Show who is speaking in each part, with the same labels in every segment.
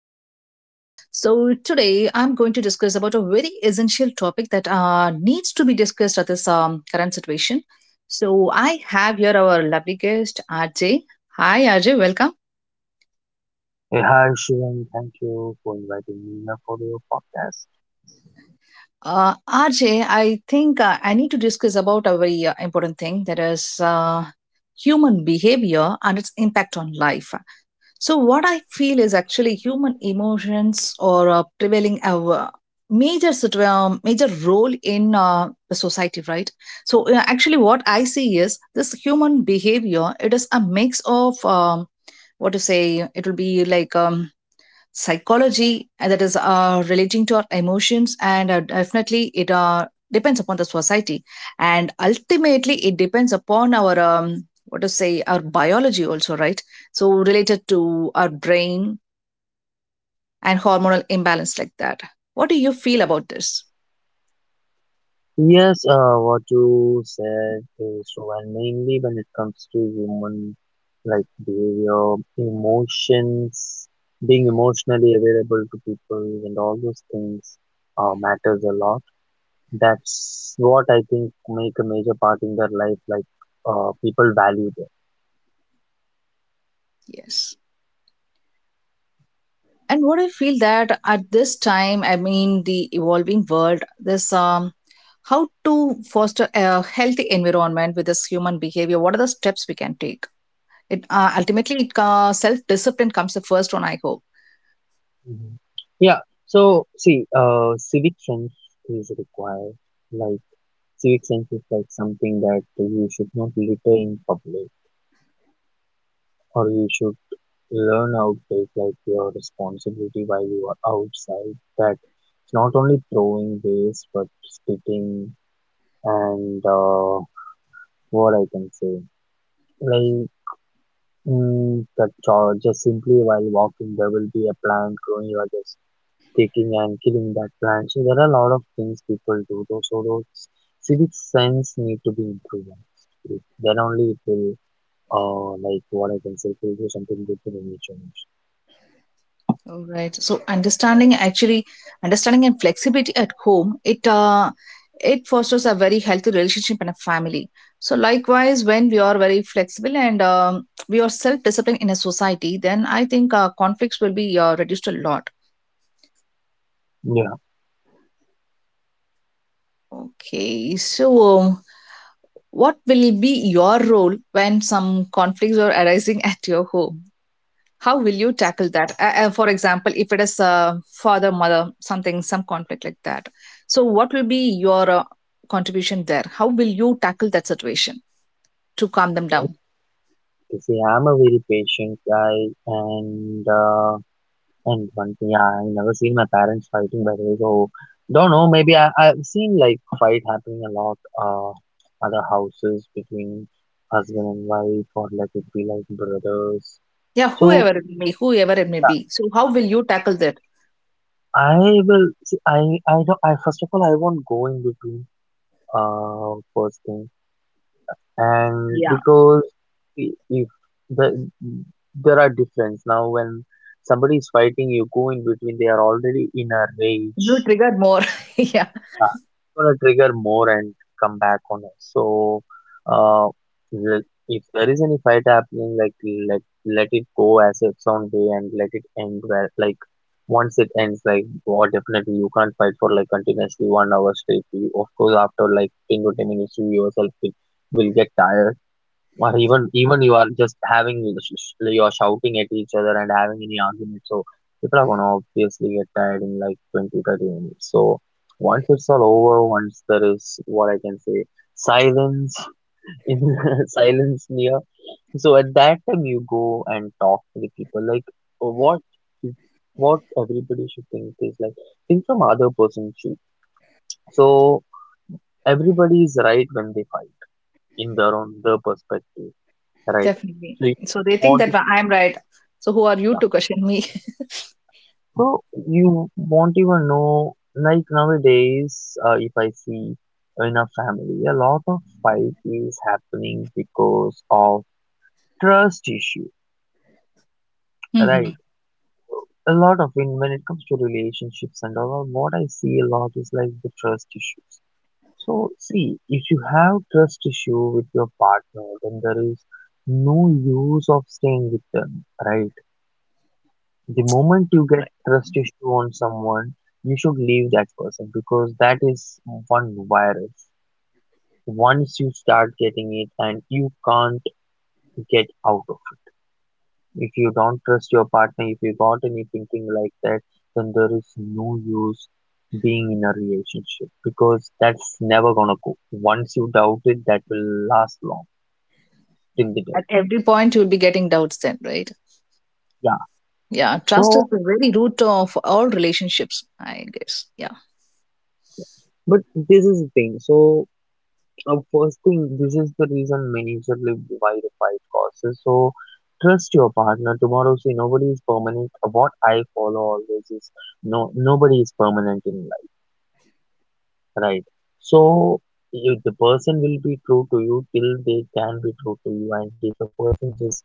Speaker 1: Podcast again. So today I'm going to discuss about a very essential topic that needs to be discussed at this current situation. So I have here our lovely guest RJ. Hi RJ, welcome.
Speaker 2: Hey, hi, Shivam. Thank you for inviting me here for your podcast.
Speaker 1: RJ, think I need to discuss about a very important thing, that is human behavior and its impact on life. So what I feel is actually human emotions or prevailing a major role in the society, right? So, actually, what I see is this human behavior. It is a mix of what to say. It will be like psychology that is relating to our emotions, and definitely it depends upon the society, and ultimately it depends upon our what to say, our biology also, right? So related to our brain and hormonal imbalance, like that. What do you feel about this?
Speaker 2: Yes, what you said is true, and mainly when it comes to human, like, behavior, emotions, being emotionally available to people, and all those things matters a lot. That's what I think make a major part in their life. People value that.
Speaker 1: Yes. And what I feel that at this time, I mean, the evolving world, this how to foster a healthy environment with this human behavior, what are the steps we can take? It ultimately it, self-discipline comes the first one, I hope.
Speaker 2: Mhm. Yeah. So see, civic sense is required. Like, street sense is like something that you should not litter in public, or you should learn how to take like your responsibility while you are outside. That it's not only throwing waste, but spitting and what I can say, like just simply while walking, there will be a plant growing. You are just taking and killing that plant. So there are a lot of things people do. Those civic sense need to be improved. Then only it will, like, what I can say, to do something good for the nature.
Speaker 1: All right. So understanding, actually, understanding and flexibility at home, it it fosters a very healthy relationship and a family. So likewise, when we are very flexible and we are self-disciplined in a society, then I think conflicts will be reduced a lot.
Speaker 2: Yeah.
Speaker 1: Okay. So. Um, what will be your role when some conflicts are arising at your home? How will you tackle that? For example, if it is father, mother, something, some conflict like that. So what will be your contribution there? How will you tackle that situation to calm them down?
Speaker 2: You see, I'm a very patient guy, and uh, and one thing, yeah, I never seen my parents fighting, by the way. So don't know. Maybe I've seen like fight happening a lot. Other houses between husband and wife, or like it be like brothers.
Speaker 1: Yeah,
Speaker 2: So
Speaker 1: whoever it may
Speaker 2: yeah,
Speaker 1: be. So how will you tackle that?
Speaker 2: I will see. I don't. I first of all, I won't go in between. First thing. And
Speaker 1: Yeah,
Speaker 2: because I- if the there are difference now when somebody is fighting, you go in between, they are already in a rage.
Speaker 1: you triggered more. Yeah,
Speaker 2: Yeah, it's gonna trigger more and come back on us. So, uh le- if there is any fight happening, like, let let it go as its own way and let it end well. Like, once it ends, like, oh, definitely you can't fight for like continuously 1 hour straight. You, of course, after like 10 to 10 minutes you yourself will get tired. Or even you are just you are shouting at each other and having any argument, so people are gonna obviously get tired in like 20, 30 minutes. So once it's all over, once there is, what I can say, silence in silence near, so at that time you go and talk to the people. Like, what what everybody should think is, like, think from other person's shoes. So everybody is right when they fight, in their own, their perspective, right?
Speaker 1: definitely.
Speaker 2: So you
Speaker 1: So they think
Speaker 2: want
Speaker 1: that I'm right. So who are you
Speaker 2: Yeah.
Speaker 1: to question me?
Speaker 2: So you won't even know, like nowadays, if I see in a family, a lot of fight is happening because of trust issue,
Speaker 1: Hmm.
Speaker 2: right? A lot of in When it comes to relationships and all, what I see a lot is like the trust issues. So see, if you have trust issue with your partner, then there is no use of staying with them, right? The moment you get trust issue on someone, you should leave that person, because that is one virus. Once you start getting it, and you can't get out of it. If you don't trust your partner, if you got any thinking like that, then there is no use being in a relationship, because that's never gonna go. Once you doubt it, that will last long till the day.
Speaker 1: At every point, you will be getting doubts then, right?
Speaker 2: Yeah.
Speaker 1: Yeah, trust is
Speaker 2: So,
Speaker 1: the very root of all relationships, I guess. Yeah.
Speaker 2: but this is the thing. So, first thing, this is the reason majorly why the fight causes. So trust your partner. Tomorrow, see, nobody is permanent. What I follow always is, no, nobody is permanent in life, right? So if the person will be true to you till they can be true to you, and if the person just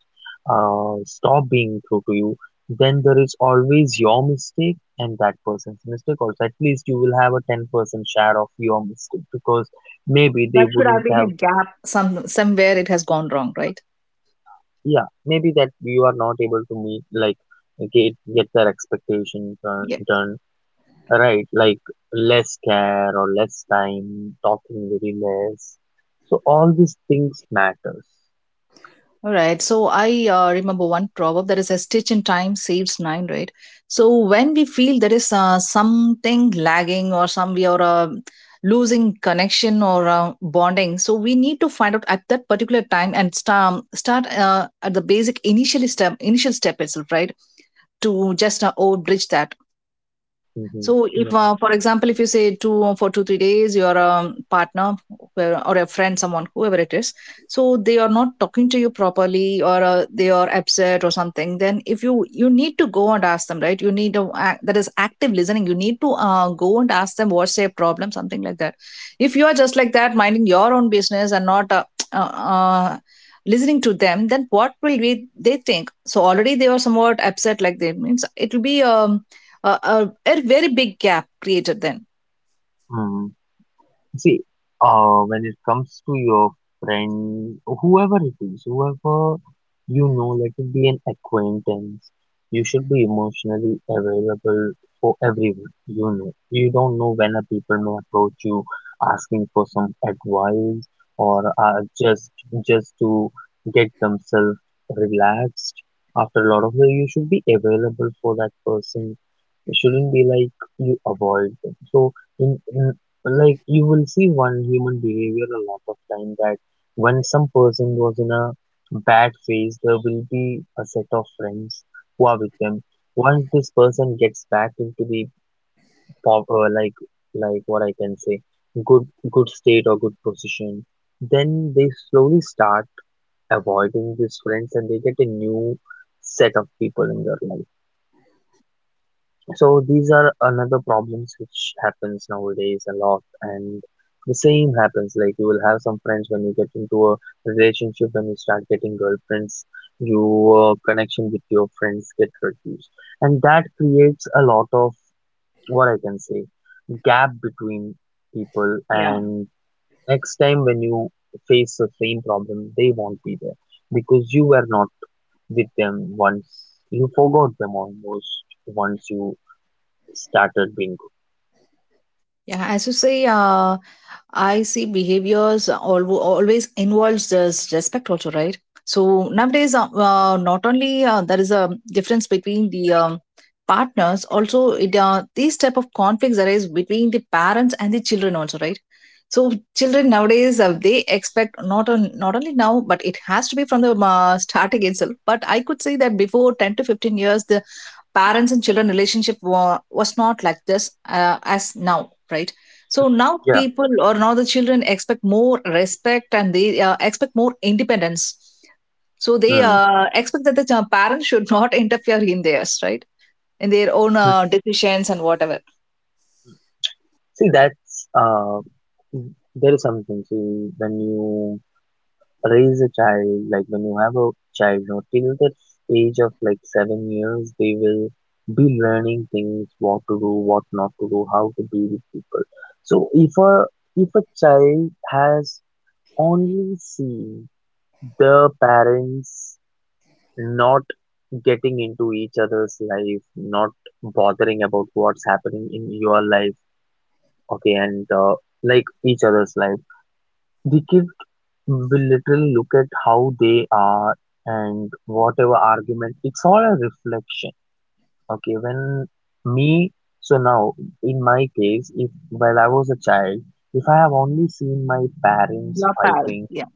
Speaker 2: stop being true to you, then there is always your mistake and that person's mistake. Also, at least you will have a 10% share of your mistake because maybe they
Speaker 1: That should
Speaker 2: wouldn't
Speaker 1: have
Speaker 2: have.
Speaker 1: been a gap. Some, somewhere it has gone wrong, right?
Speaker 2: Yeah, maybe that you are not able to meet, like, get their expectations
Speaker 1: Yeah.
Speaker 2: done, right, like less care or less time, talking very less. So all these things matters.
Speaker 1: All right. So I remember one proverb, that is, a stitch in time saves nine, right? So when we feel there is something lagging or some, we are losing connection or bonding, so we need to find out at that particular time and start at the basic initial step itself, right? To just bridge that.
Speaker 2: Mm-hmm.
Speaker 1: So if,
Speaker 2: Yeah.
Speaker 1: for example, if you say, 2 3 days, your partner, whoever- or a friend, someone, whoever it is, so they are not talking to you properly, or they are upset or something, then if you need to go and ask them, right? You need to act. That is active listening. You need to go and ask them what's their problem, something like that. If you are just like that, minding your own business and not uh, uh, listening to them, then what will we they think? So already they are somewhat upset, like they, means it will be. A very big gap created then.
Speaker 2: Mm. See, when it comes to your friend, whoever it is, whoever, you know, let it be an acquaintance, you should be emotionally available for everyone. You know, you don't know when a people may approach you asking for some advice or just, to get themselves relaxed after a lot of day. You should be available for that person. It shouldn't be like you avoid them. So, in like you will see one human behavior a lot of time that when some person was in a bad phase, there will be a set of friends who are with them. Once this person gets back into the pop like, what I can say, good good state or good position, then they slowly start avoiding these friends, and they get a new set of people in their life. So these are another problems which happens nowadays a lot. And the same happens. Like, you will have some friends when you get into a relationship, when you start getting girlfriends, your connection with your friends get reduced, and that creates a lot of, what I can say, gap between people.
Speaker 1: Yeah.
Speaker 2: And next time when you face the same problem, they won't be there because you were not with them once. You forgot them almost once you started being.
Speaker 1: Yeah, as you say, I see behaviors always involves this respect also, right? So nowadays, not only there is a difference between the partners, also it, these type of conflicts arise between the parents and the children also, right? So children nowadays they expect, not on, not only now, but it has to be from the starting itself. But I could say that before 10 to 15 years, the parents and children relationship was not like this as now, right? So now
Speaker 2: Yeah.
Speaker 1: people, or now the children, expect more respect, and they expect more independence. So they
Speaker 2: Mm.
Speaker 1: expect that the parents should not interfere in theirs, right? In their own
Speaker 2: Mm.
Speaker 1: decisions and whatever.
Speaker 2: See, that's there is something. See, when you raise a child, like when you have a child, you know, till the age of like 7 years, they will be learning things, what to do, what not to do, how to be with people. So if a child has only seen the parents not getting into each other's life, not bothering about what's happening in your life, okay, and like each other's life, the kids will literally look at how they are, and whatever argument, it's all a reflection. Okay. when me so Now in my case, if while I was a child, if I have only seen my parents
Speaker 1: Not parents,
Speaker 2: fighting.
Speaker 1: yeah.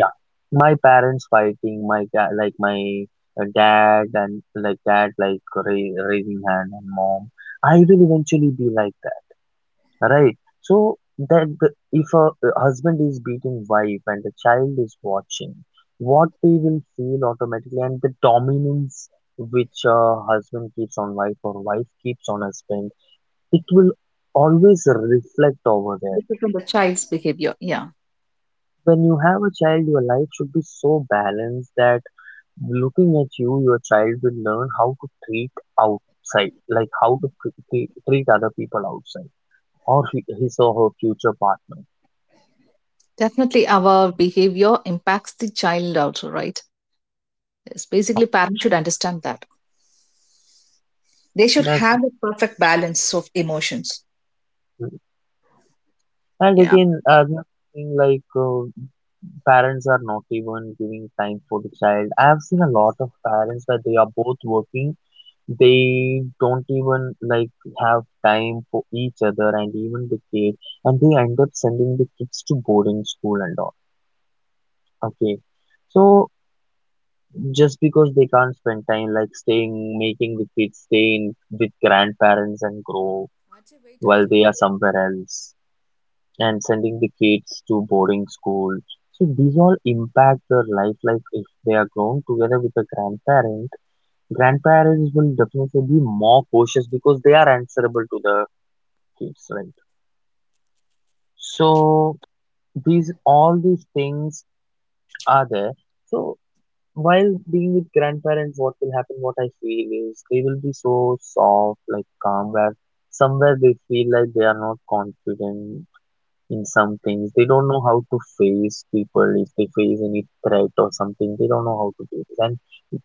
Speaker 2: Yeah, my parents fighting, my like my dad, and like dad like raising hand, and mom, I will eventually be like, right. So that the- if a husband is beating wife and the child is watching, what they will feel automatically, and the dominance which a husband keeps on wife or wife keeps on husband, it will always reflect over there.
Speaker 1: This is from the child's behavior, yeah.
Speaker 2: When you have a child, your life should be so balanced that looking at you, your child will learn how to treat outside, like how to treat other people outside, or his or her future partner.
Speaker 1: Definitely our behavior impacts the child also, right? Yes,
Speaker 2: Yeah,
Speaker 1: basically parents should understand that they should
Speaker 2: that's
Speaker 1: have a perfect balance of emotions.
Speaker 2: Mm. And
Speaker 1: Yeah.
Speaker 2: again, another thing, like, parents are not even giving time for the child. I have seen a lot of parents where they are both working, they don't even like have time for each other and even the kid, and they end up sending the kids to boarding school and all. Okay. So just because they can't spend time, like staying, making the kids stay in with grandparents and grow while they are somewhere else, and sending the kids to boarding school. So these all impact their life. Like if they are grown together with a grandparent, grandparents will definitely be more cautious because they are answerable to the kids, right? So these, all these things are there. So while being with grandparents, what will happen? What I feel is they will be so soft, like calm, where somewhere they feel like they are not confident in some things. They don't know how to face people if they face any threat or something. They don't know how to do this. And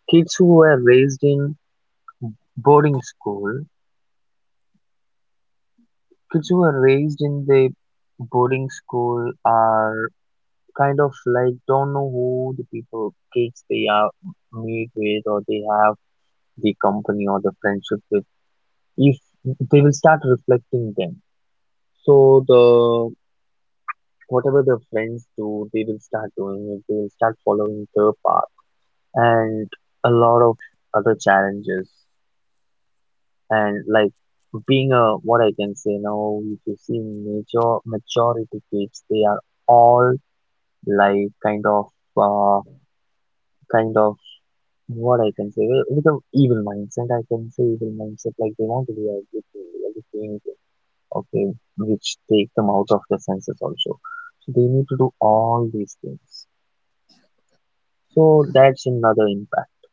Speaker 2: kids who were raised in boarding school, kids who were raised in the boarding school are kind of like, don't know who the people, kids they are meet with, or they have the company or the friendship with. If they will start reflecting them. So the whatever the friends do, they will start doing it. They will start following their path and a lot of other challenges. And like being a, what I can say now, if you see majority kids, they are all like kind of uh, kind of what I can say, with an evil mindset. I can say evil mindset, like they want to be everything, everything, okay, which take them out of the senses also. So they need to do all these things. So that's another impact.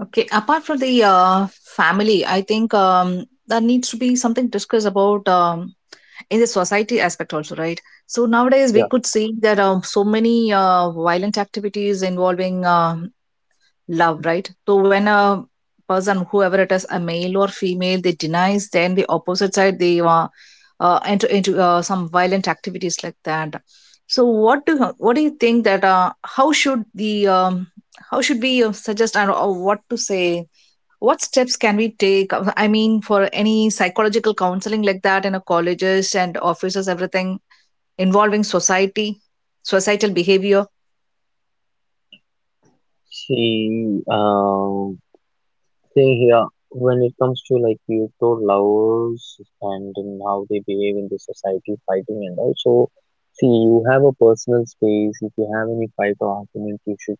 Speaker 1: Okay, apart from the family, I think there needs to be something discussed about in the society aspect also, right? So nowadays
Speaker 2: Yeah.
Speaker 1: we could see that so many violent activities involving love, right? So when a person, whoever it is, a male or female, they denies, then the opposite side, they enter into some violent activities like that. So what do, what do you think that how should the how should we suggest, and or what to say, what steps can we take? I mean, for any psychological counseling like that in a colleges and offices, everything involving society, societal behavior.
Speaker 2: See, thing here when it comes to like Kyoto lovers and then how they behave in the society fighting. And also, see, you have a personal space. If you have any fight or argument, you should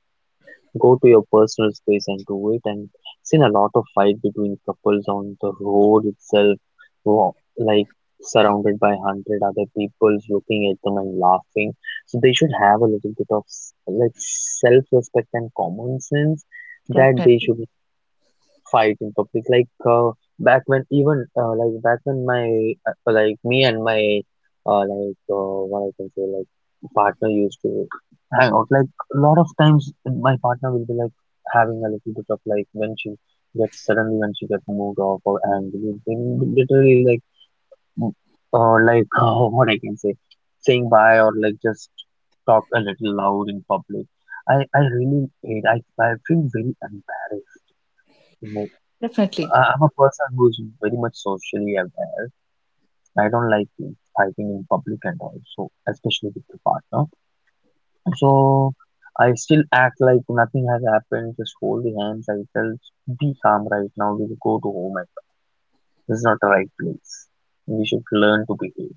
Speaker 2: go to your personal space and do it. And seen a lot of fight between couples on the road itself, like surrounded by hundred other people looking at them and laughing. So they should have a little bit of like self-respect and common sense, that they
Speaker 1: Definitely,
Speaker 2: should fight in public. Like uh, back when even like back when my like me and my what I can say, like, partner used to hang out. Like a lot of times my partner will be like having a little bit of like, when she gets, suddenly when she gets moved off or angry, they will literally like, mm, like what I can say, saying bye or like just talk a little loud in public. I really hate. I feel very embarrassed.
Speaker 1: definitely.
Speaker 2: I'm a person who's very much socially aware. I don't like, fighting in public, and also especially with the partner. So I still act like nothing has happened. Just hold the hands. I tell, be calm right now. We'll go to home. This is not the right place. We should learn to behave.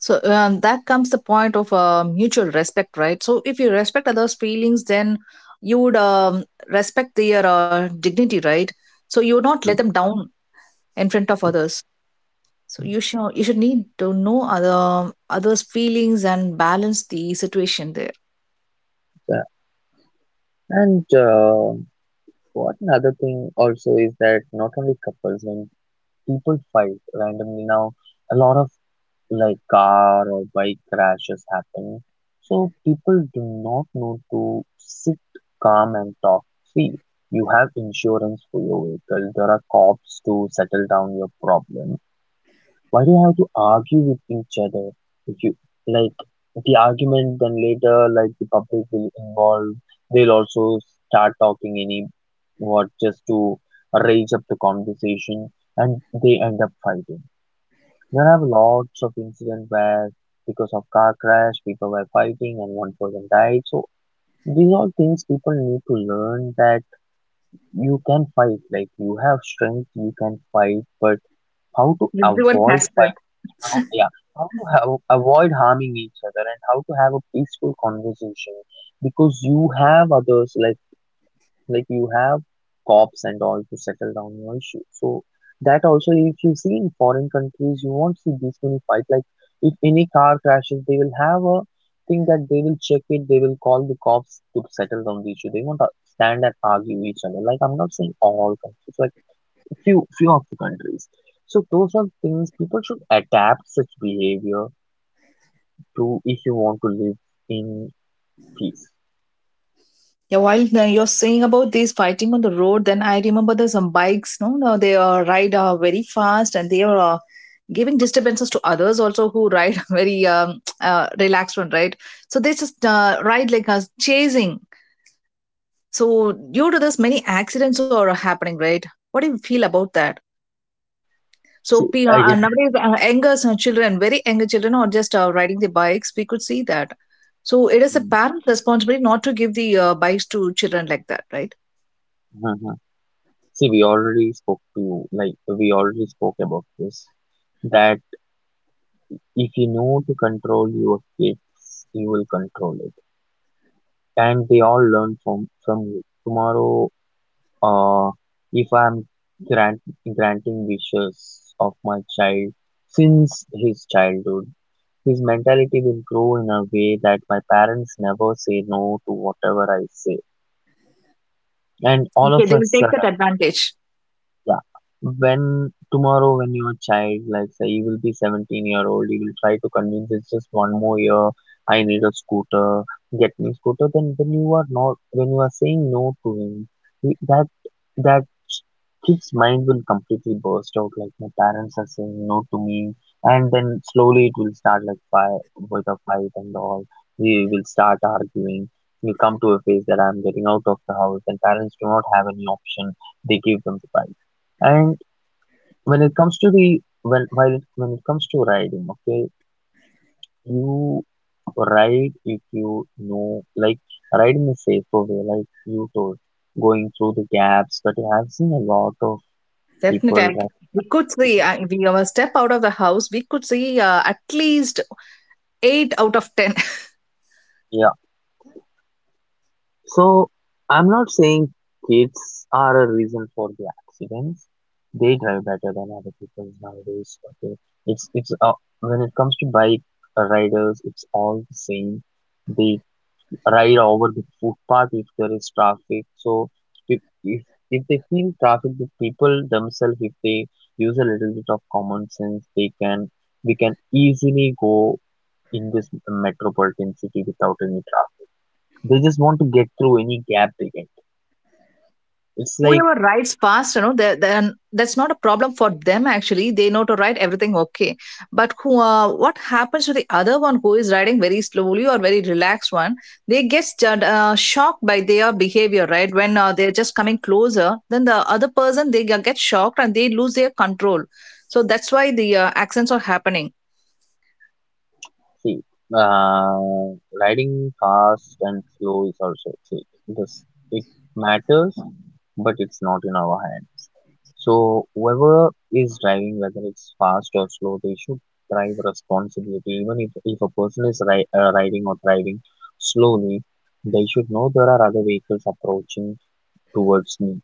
Speaker 1: So that comes the point of mutual respect, right? So if you respect others' feelings, then you would respect their dignity, right? So you would not let
Speaker 2: Mm,
Speaker 1: them down in front of others. So you should, you should need to know other, others' feelings and balance the situation there.
Speaker 2: yeah. And what, another thing also is that not only couples, when people fight randomly now, a lot of like car or bike crashes happen. So people do not know to sit calm and talk. See, you have insurance for your vehicle. There are cops to settle down your problem. Why do you have to argue with each other? If you like the argument, then later like the public will involve. They'll also start talking any what, just to raise up the conversation, and they end up fighting. There have lots of incidents where because of car crash people were fighting and one person died. So these are things people need to learn, that you can fight. Like you have strength, you can fight, but how to
Speaker 1: Everyone
Speaker 2: avoid
Speaker 1: has.
Speaker 2: fight? How, yeah, how to have, avoid harming each other, and how to have a peaceful conversation, because you have others like you have cops and all to settle down your issue. So that also, if you see in foreign countries, you won't see these many fight. Like if any car crashes, they will have a thing that they will check it. They will call the cops to settle down the issue. They won't stand and argue each other. Like I'm not saying all countries, like a few of the countries. So those are things people should adapt such behavior to, if you want to live in peace.
Speaker 1: Yeah, while you're saying about this fighting on the road, then I remember there's some bikes. No, no, they ride very fast, and they are giving disturbances to others also who ride very relaxed one, right? So they just ride like us chasing. So due to this, many accidents are happening, right? What do you feel about that? So
Speaker 2: See, again.
Speaker 1: nowadays, younger children, very younger children, are just riding the bikes. We could see that. So it is a parent's responsibility not to give the bikes to children like that, right?
Speaker 2: See, we already spoke to you, like we already spoke about this, that if you know to control your kids, you will control it. And they all learn from you. Tomorrow, uh, if I'm grant, granting wishes of my child since his childhood, his mentality will grow in a way that my parents never say no to whatever I say. And all of
Speaker 1: Okay, they will
Speaker 2: us,
Speaker 1: take that advantage.
Speaker 2: yeah. When tomorrow, when your child, like say he will be 17-year-old, he will try to convince, it's just one more year, I need a scooter, get me scooter, then when you are not, when you are saying no to him, he- that that kid's mind will completely burst out, like my parents are saying no to me. And then slowly it will start like fight, with a fight and all, we will start arguing. We come to a phase that I'm getting out of the house and parents do not have any option. They give them the bike. And when it comes to the, when while it, when it comes to riding, okay, you ride if you know like, ride in a safer way, like you told, going through the gaps. But I have seen a lot of people
Speaker 1: Definitely. We could see,
Speaker 2: riding.
Speaker 1: we, our step out of the house, we could see at least 8 out of 10.
Speaker 2: Yeah, so I'm not saying kids are a reason for the accidents. They drive better than other people nowadays. Okay, it's when it comes to bike riders, it's all the same. They ride over the footpath if there is traffic. So if if, if they feel traffic, the people themselves, if they use a little bit of common sense, they can, we can easily go in this metropolitan city without any traffic. They just want to get through any gap they get. It's like,
Speaker 1: Whoever rides fast, you know, they- then that's not a problem for them, actually. They know to ride everything, okay. But who, what happens to the other one who is riding very slowly or very relaxed one, they shocked by their behavior, right? When they're just coming closer, then the other person, they get shocked and they lose their control. So that's why the accidents are happening.
Speaker 2: see, uh, riding fast and slow is also, see this, it matters, but it's not in our hands. So whoever is driving, whether it's fast or slow, they should drive responsibility. Even if a person is riding or driving slowly, they should know there are other vehicles approaching towards me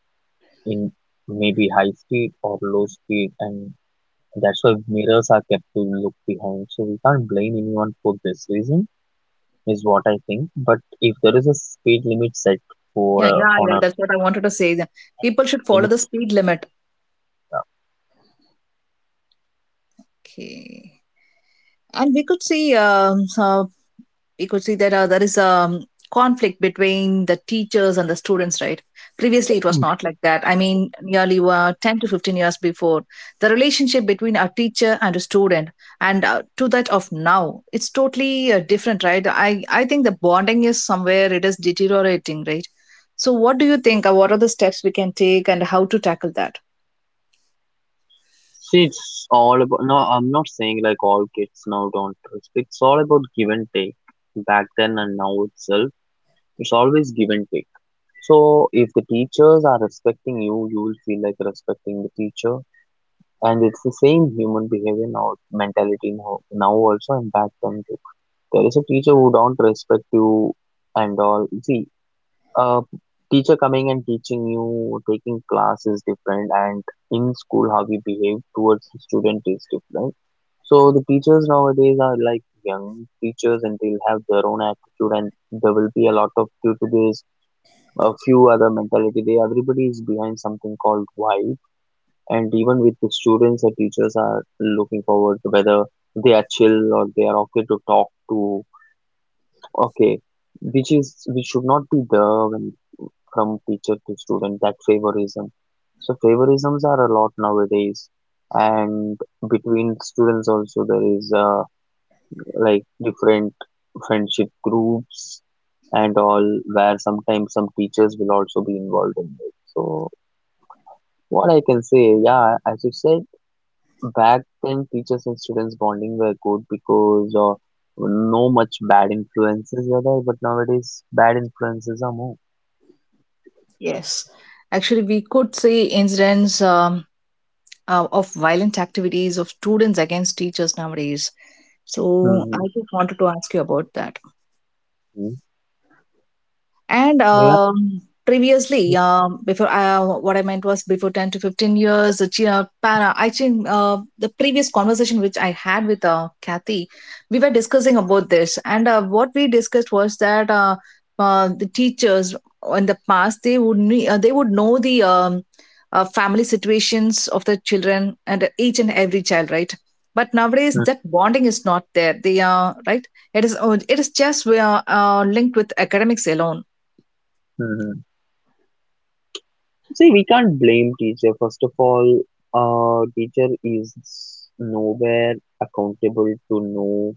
Speaker 2: in maybe high speed or low speed, and that's why mirrors are kept to look behind. So we can't blame anyone for this reason, is what I think. But if there is a speed limit set for
Speaker 1: Yeah, yeah,
Speaker 2: on
Speaker 1: yeah.
Speaker 2: a
Speaker 1: That's what I wanted to say. The people should follow
Speaker 2: limit,
Speaker 1: the speed limit.
Speaker 2: uh,
Speaker 1: Okay, and we could see that there is a conflict between the teachers and the students, right? Previously, it was not like
Speaker 2: mm,
Speaker 1: that. I mean, nearly 10 to 15 years before, the relationship between a teacher and a student, and to that of now, it's totally different, right? I think the bonding is somewhere, it is deteriorating, right? So what do you think? What are the steps we can take, and how to tackle that?
Speaker 2: see, it's all about, no, I'm not saying like all kids now don't respect. It's all about give and take. Back then and now itself, it's always give and take. So if the teachers are respecting you, you will feel like respecting the teacher. And it's the same human behavior now, mentality now, now also and back then too. There is a teacher who don't respect you and all. See, uh, teacher coming and teaching you, taking class is different, and in school how we behave towards the student is different. So the teachers nowadays are like young teachers and they'll have their own attitude, and there will be a lot of, due to this, a few other mentality, they, everybody is behind something called vibe. And even with the students, the teachers are looking forward to whether they are chill or they are okay to talk to, okay, which is, which should not be there, when from teacher to student that favorism. So favorisms are a lot nowadays. And between students also there is like different friendship groups and all, where sometimes some teachers will also be involved in it. So what I can say, yeah, as you said, back then teachers and students bonding were good, because no much bad influences were there, but nowadays bad influences are more.
Speaker 1: Yes, actually, we could see incidents of violent activities of students against teachers nowadays. So I
Speaker 2: Hmm.
Speaker 1: just wanted to ask you about that. And
Speaker 2: Yeah.
Speaker 1: previously, before what I meant was, before 10 to 15 years, the para. I think the previous conversation which I had with Kathy, we were discussing about this, and what we discussed was that the teachers, in the past they would they would know the family situations of the children and each and every child, right? But nowadays, that bonding is not there. They are right. It is just, we are linked with academics alone.
Speaker 2: Hmm. See, we can't blame teacher. First of all, teacher is nowhere accountable to know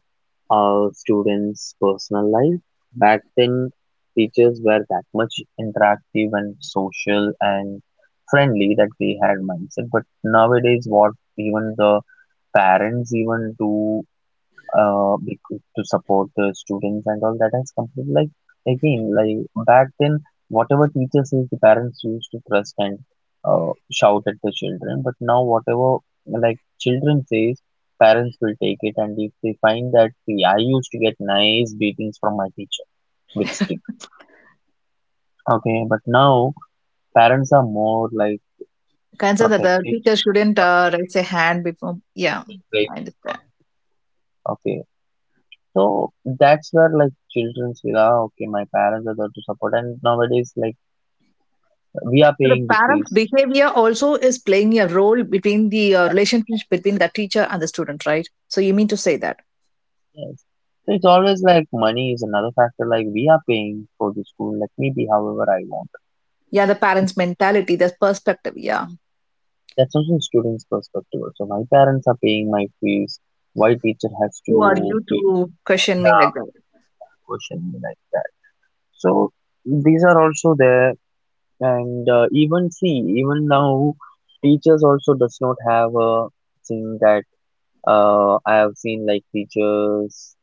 Speaker 2: students' personal life. Back then, teachers were that much interactive and social and friendly, that they had mindset. But nowadays, what, even the parents even do because to support the students and all, that has completely like, again, like back then, whatever teacher says the parents used to thrust and shout at the children, but now whatever like children says, parents will take it. And if they find that, see, I used to get nice beatings from my teacher with stick, okay, but now parents are more like
Speaker 1: Concerned that the
Speaker 2: protective.
Speaker 1: teacher shouldn't raise a hand before. Yeah,
Speaker 2: Right.
Speaker 1: I understand.
Speaker 2: Okay, so that's where like children feel, ah, okay, my parents are there to support, and nowadays like, we are
Speaker 1: So the
Speaker 2: paying the
Speaker 1: parents'
Speaker 2: fees.
Speaker 1: behavior also is playing a role between the relationship between the teacher and the student, right? So you mean to say that?
Speaker 2: Yes. So it's always like money is another factor. Like we are paying for the school. Let me be however I want.
Speaker 1: Yeah, the parents' mentality, their perspective. Yeah,
Speaker 2: That's also a student's perspective. So my parents are paying my fees. Why teacher has
Speaker 1: who are
Speaker 2: to
Speaker 1: you
Speaker 2: be,
Speaker 1: to question me
Speaker 2: yeah,
Speaker 1: like that?
Speaker 2: question like that. So these are also there. And even see, even now teachers also does not have a thing that, I have seen like teachers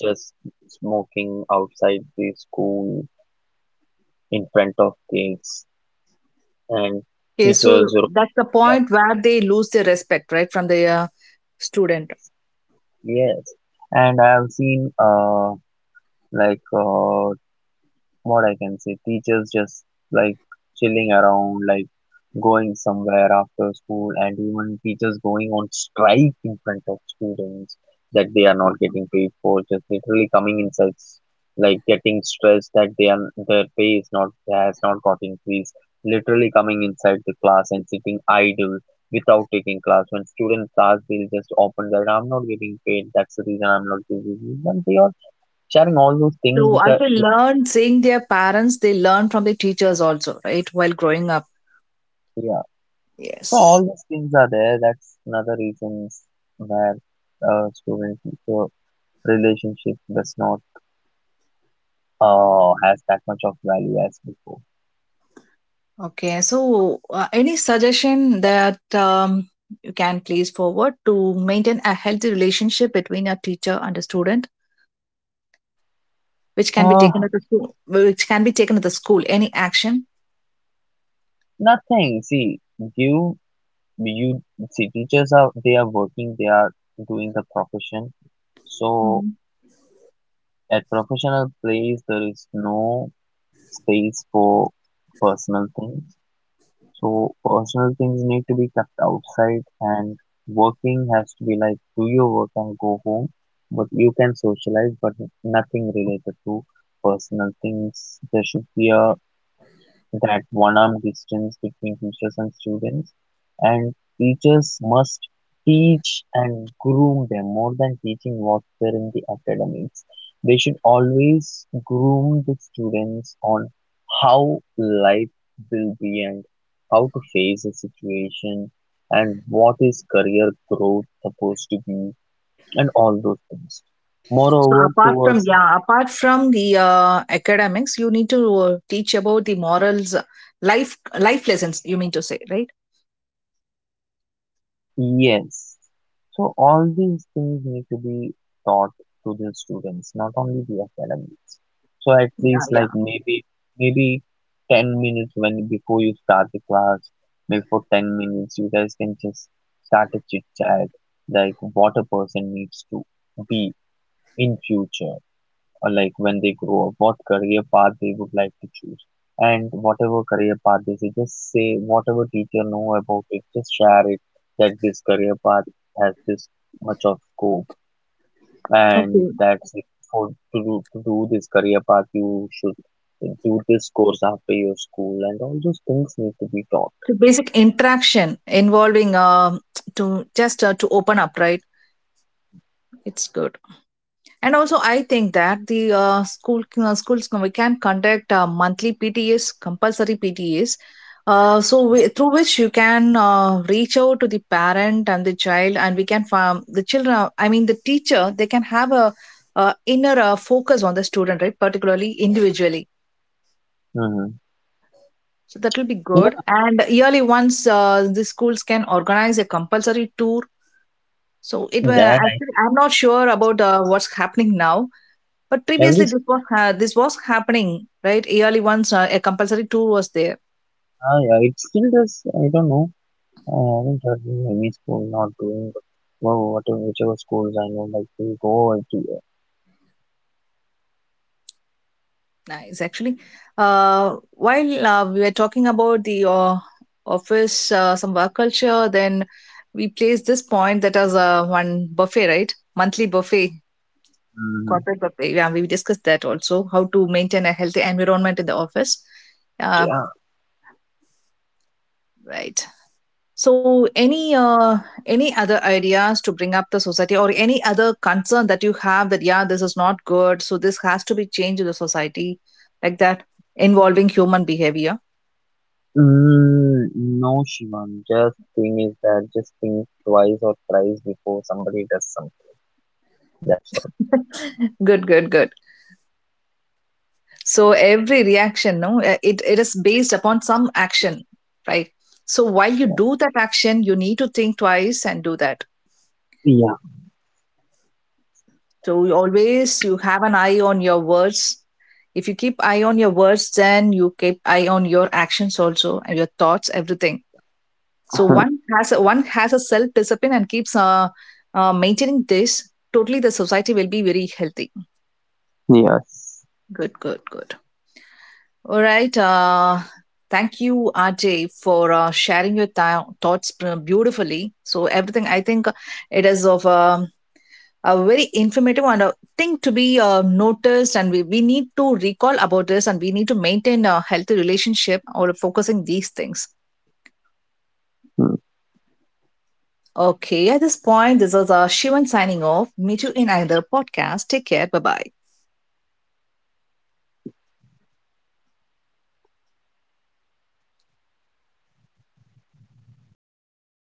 Speaker 2: just smoking outside the school in front of kids, and
Speaker 1: Okay, so
Speaker 2: teachers or,
Speaker 1: that's the
Speaker 2: yeah,
Speaker 1: point where they lose their respect, right, from the student.
Speaker 2: yes. And I have seen like what I can say, teachers just like chilling around, like going somewhere after school, and even teachers going on strike in front of students, that they are not getting paid, for just literally coming in such, like getting stressed that they are, their pay is not, has not got increased, literally coming inside the class and sitting idle without taking class. When students ask, they'll just open that, I'm not getting paid, that's the reason, I'm not getting paid, and they are sharing all those things
Speaker 1: So
Speaker 2: which
Speaker 1: as
Speaker 2: are
Speaker 1: they
Speaker 2: which.
Speaker 1: learn seeing their parents, they learn from the teachers also, right, while growing up.
Speaker 2: So
Speaker 1: Yes.
Speaker 2: all these things are there. That's another reasons where student teacher relationship does not has that much of value as before.
Speaker 1: Okay, so any suggestion that you can please forward, to maintain a healthy relationship between a teacher and a student, which can be
Speaker 2: Uh,
Speaker 1: taken at the school, which can be taken at the school. Any action?
Speaker 2: nothing. See, you you see teachers are, they are working. They are doing the profession. So
Speaker 1: Mhm.
Speaker 2: at professional place there is no space for personal things. So personal things need to be kept outside, and working has to be like, do your work and go home. But you can socialize, but nothing related to personal things. There should be a that one-arm distance between teachers and students. And teachers must teach and groom them more than teaching what's there in the academics. They should always groom the students on how life will be, and how to face a situation, and what is career growth supposed to be, and all those things.
Speaker 1: So
Speaker 2: Moreover,
Speaker 1: apart from,
Speaker 2: towards,
Speaker 1: yeah, apart from the academics, you need to teach about the morals, life lessons, you mean to say, right?
Speaker 2: yes. So all these things need to be taught to the students, not only the academics. So at
Speaker 1: Yeah,
Speaker 2: least
Speaker 1: yeah.
Speaker 2: like maybe maybe 10 minutes when before you start the class, maybe for 10 minutes you guys can just start a chit chat, like what a person needs to be in future, or like when they grow up, what career path they would like to choose. And whatever career path they say, just say whatever teacher know about it, just share it, that this career path has this much of scope, and
Speaker 1: Okay.
Speaker 2: that's it. For to do this career path, you should do this course after your school, and all those things need to be taught.
Speaker 1: So basic interaction involving to just to open up, right? It's good. And also, I think that the schools we can conduct monthly PTAs, compulsory PTAs, so we, through which you can reach out to the parent and the child, and we can farm the children. I mean, the teacher, they can have a, inner focus on the student, right? Particularly individually.
Speaker 2: Hmm.
Speaker 1: So that will be good.
Speaker 2: Yeah,
Speaker 1: And yearly once the schools can organize a compulsory tour. So it will,
Speaker 2: that,
Speaker 1: actually I'm not sure about what's happening now. But
Speaker 2: I- every
Speaker 1: previously,
Speaker 2: s-
Speaker 1: this was this was happening, right? Yearly once, a compulsory tour was there.
Speaker 2: yeah, it still does. I don't know. I haven't heard of any school not doing, but well, whatever whichever schools I know, like they go and do.
Speaker 1: Nice, actually. While we were talking about the office, some work culture, then we placed this point that as one buffet, right? Monthly buffet,
Speaker 2: Mm,
Speaker 1: corporate buffet. Yeah, we discussed that also. How to maintain a healthy environment in the office. Uh,
Speaker 2: yeah.
Speaker 1: right. So any other ideas to bring up the society, or any other concern that you have, that yeah, this is not good, so this has to be changed in the society, like that, involving human behavior.
Speaker 2: Mm, no, Shivam. Just thing is that, just think twice or thrice before somebody does something. That's all.
Speaker 1: Good, good, good. So every reaction, no, it, it is based upon some action, right? So while you
Speaker 2: Yeah.
Speaker 1: do that action, you need to think twice and do that.
Speaker 2: Yeah.
Speaker 1: So you always, you have an eye on your words. If you keep eye on your words, then you keep eye on your actions also, and your thoughts, everything. So one has a self discipline and keeps maintaining this. Totally, the society will be very healthy. Good, good, good. All right. Thank you, Ajay, for sharing your thoughts beautifully. So everything, I think, it is of a very informative and a thing to be noticed, and we need to recall about this, and we need to maintain a healthy relationship or focusing these things.
Speaker 2: Yes.
Speaker 1: Okay, at this point, this is Shivan signing off. Meet you in another podcast. Take care. Bye bye.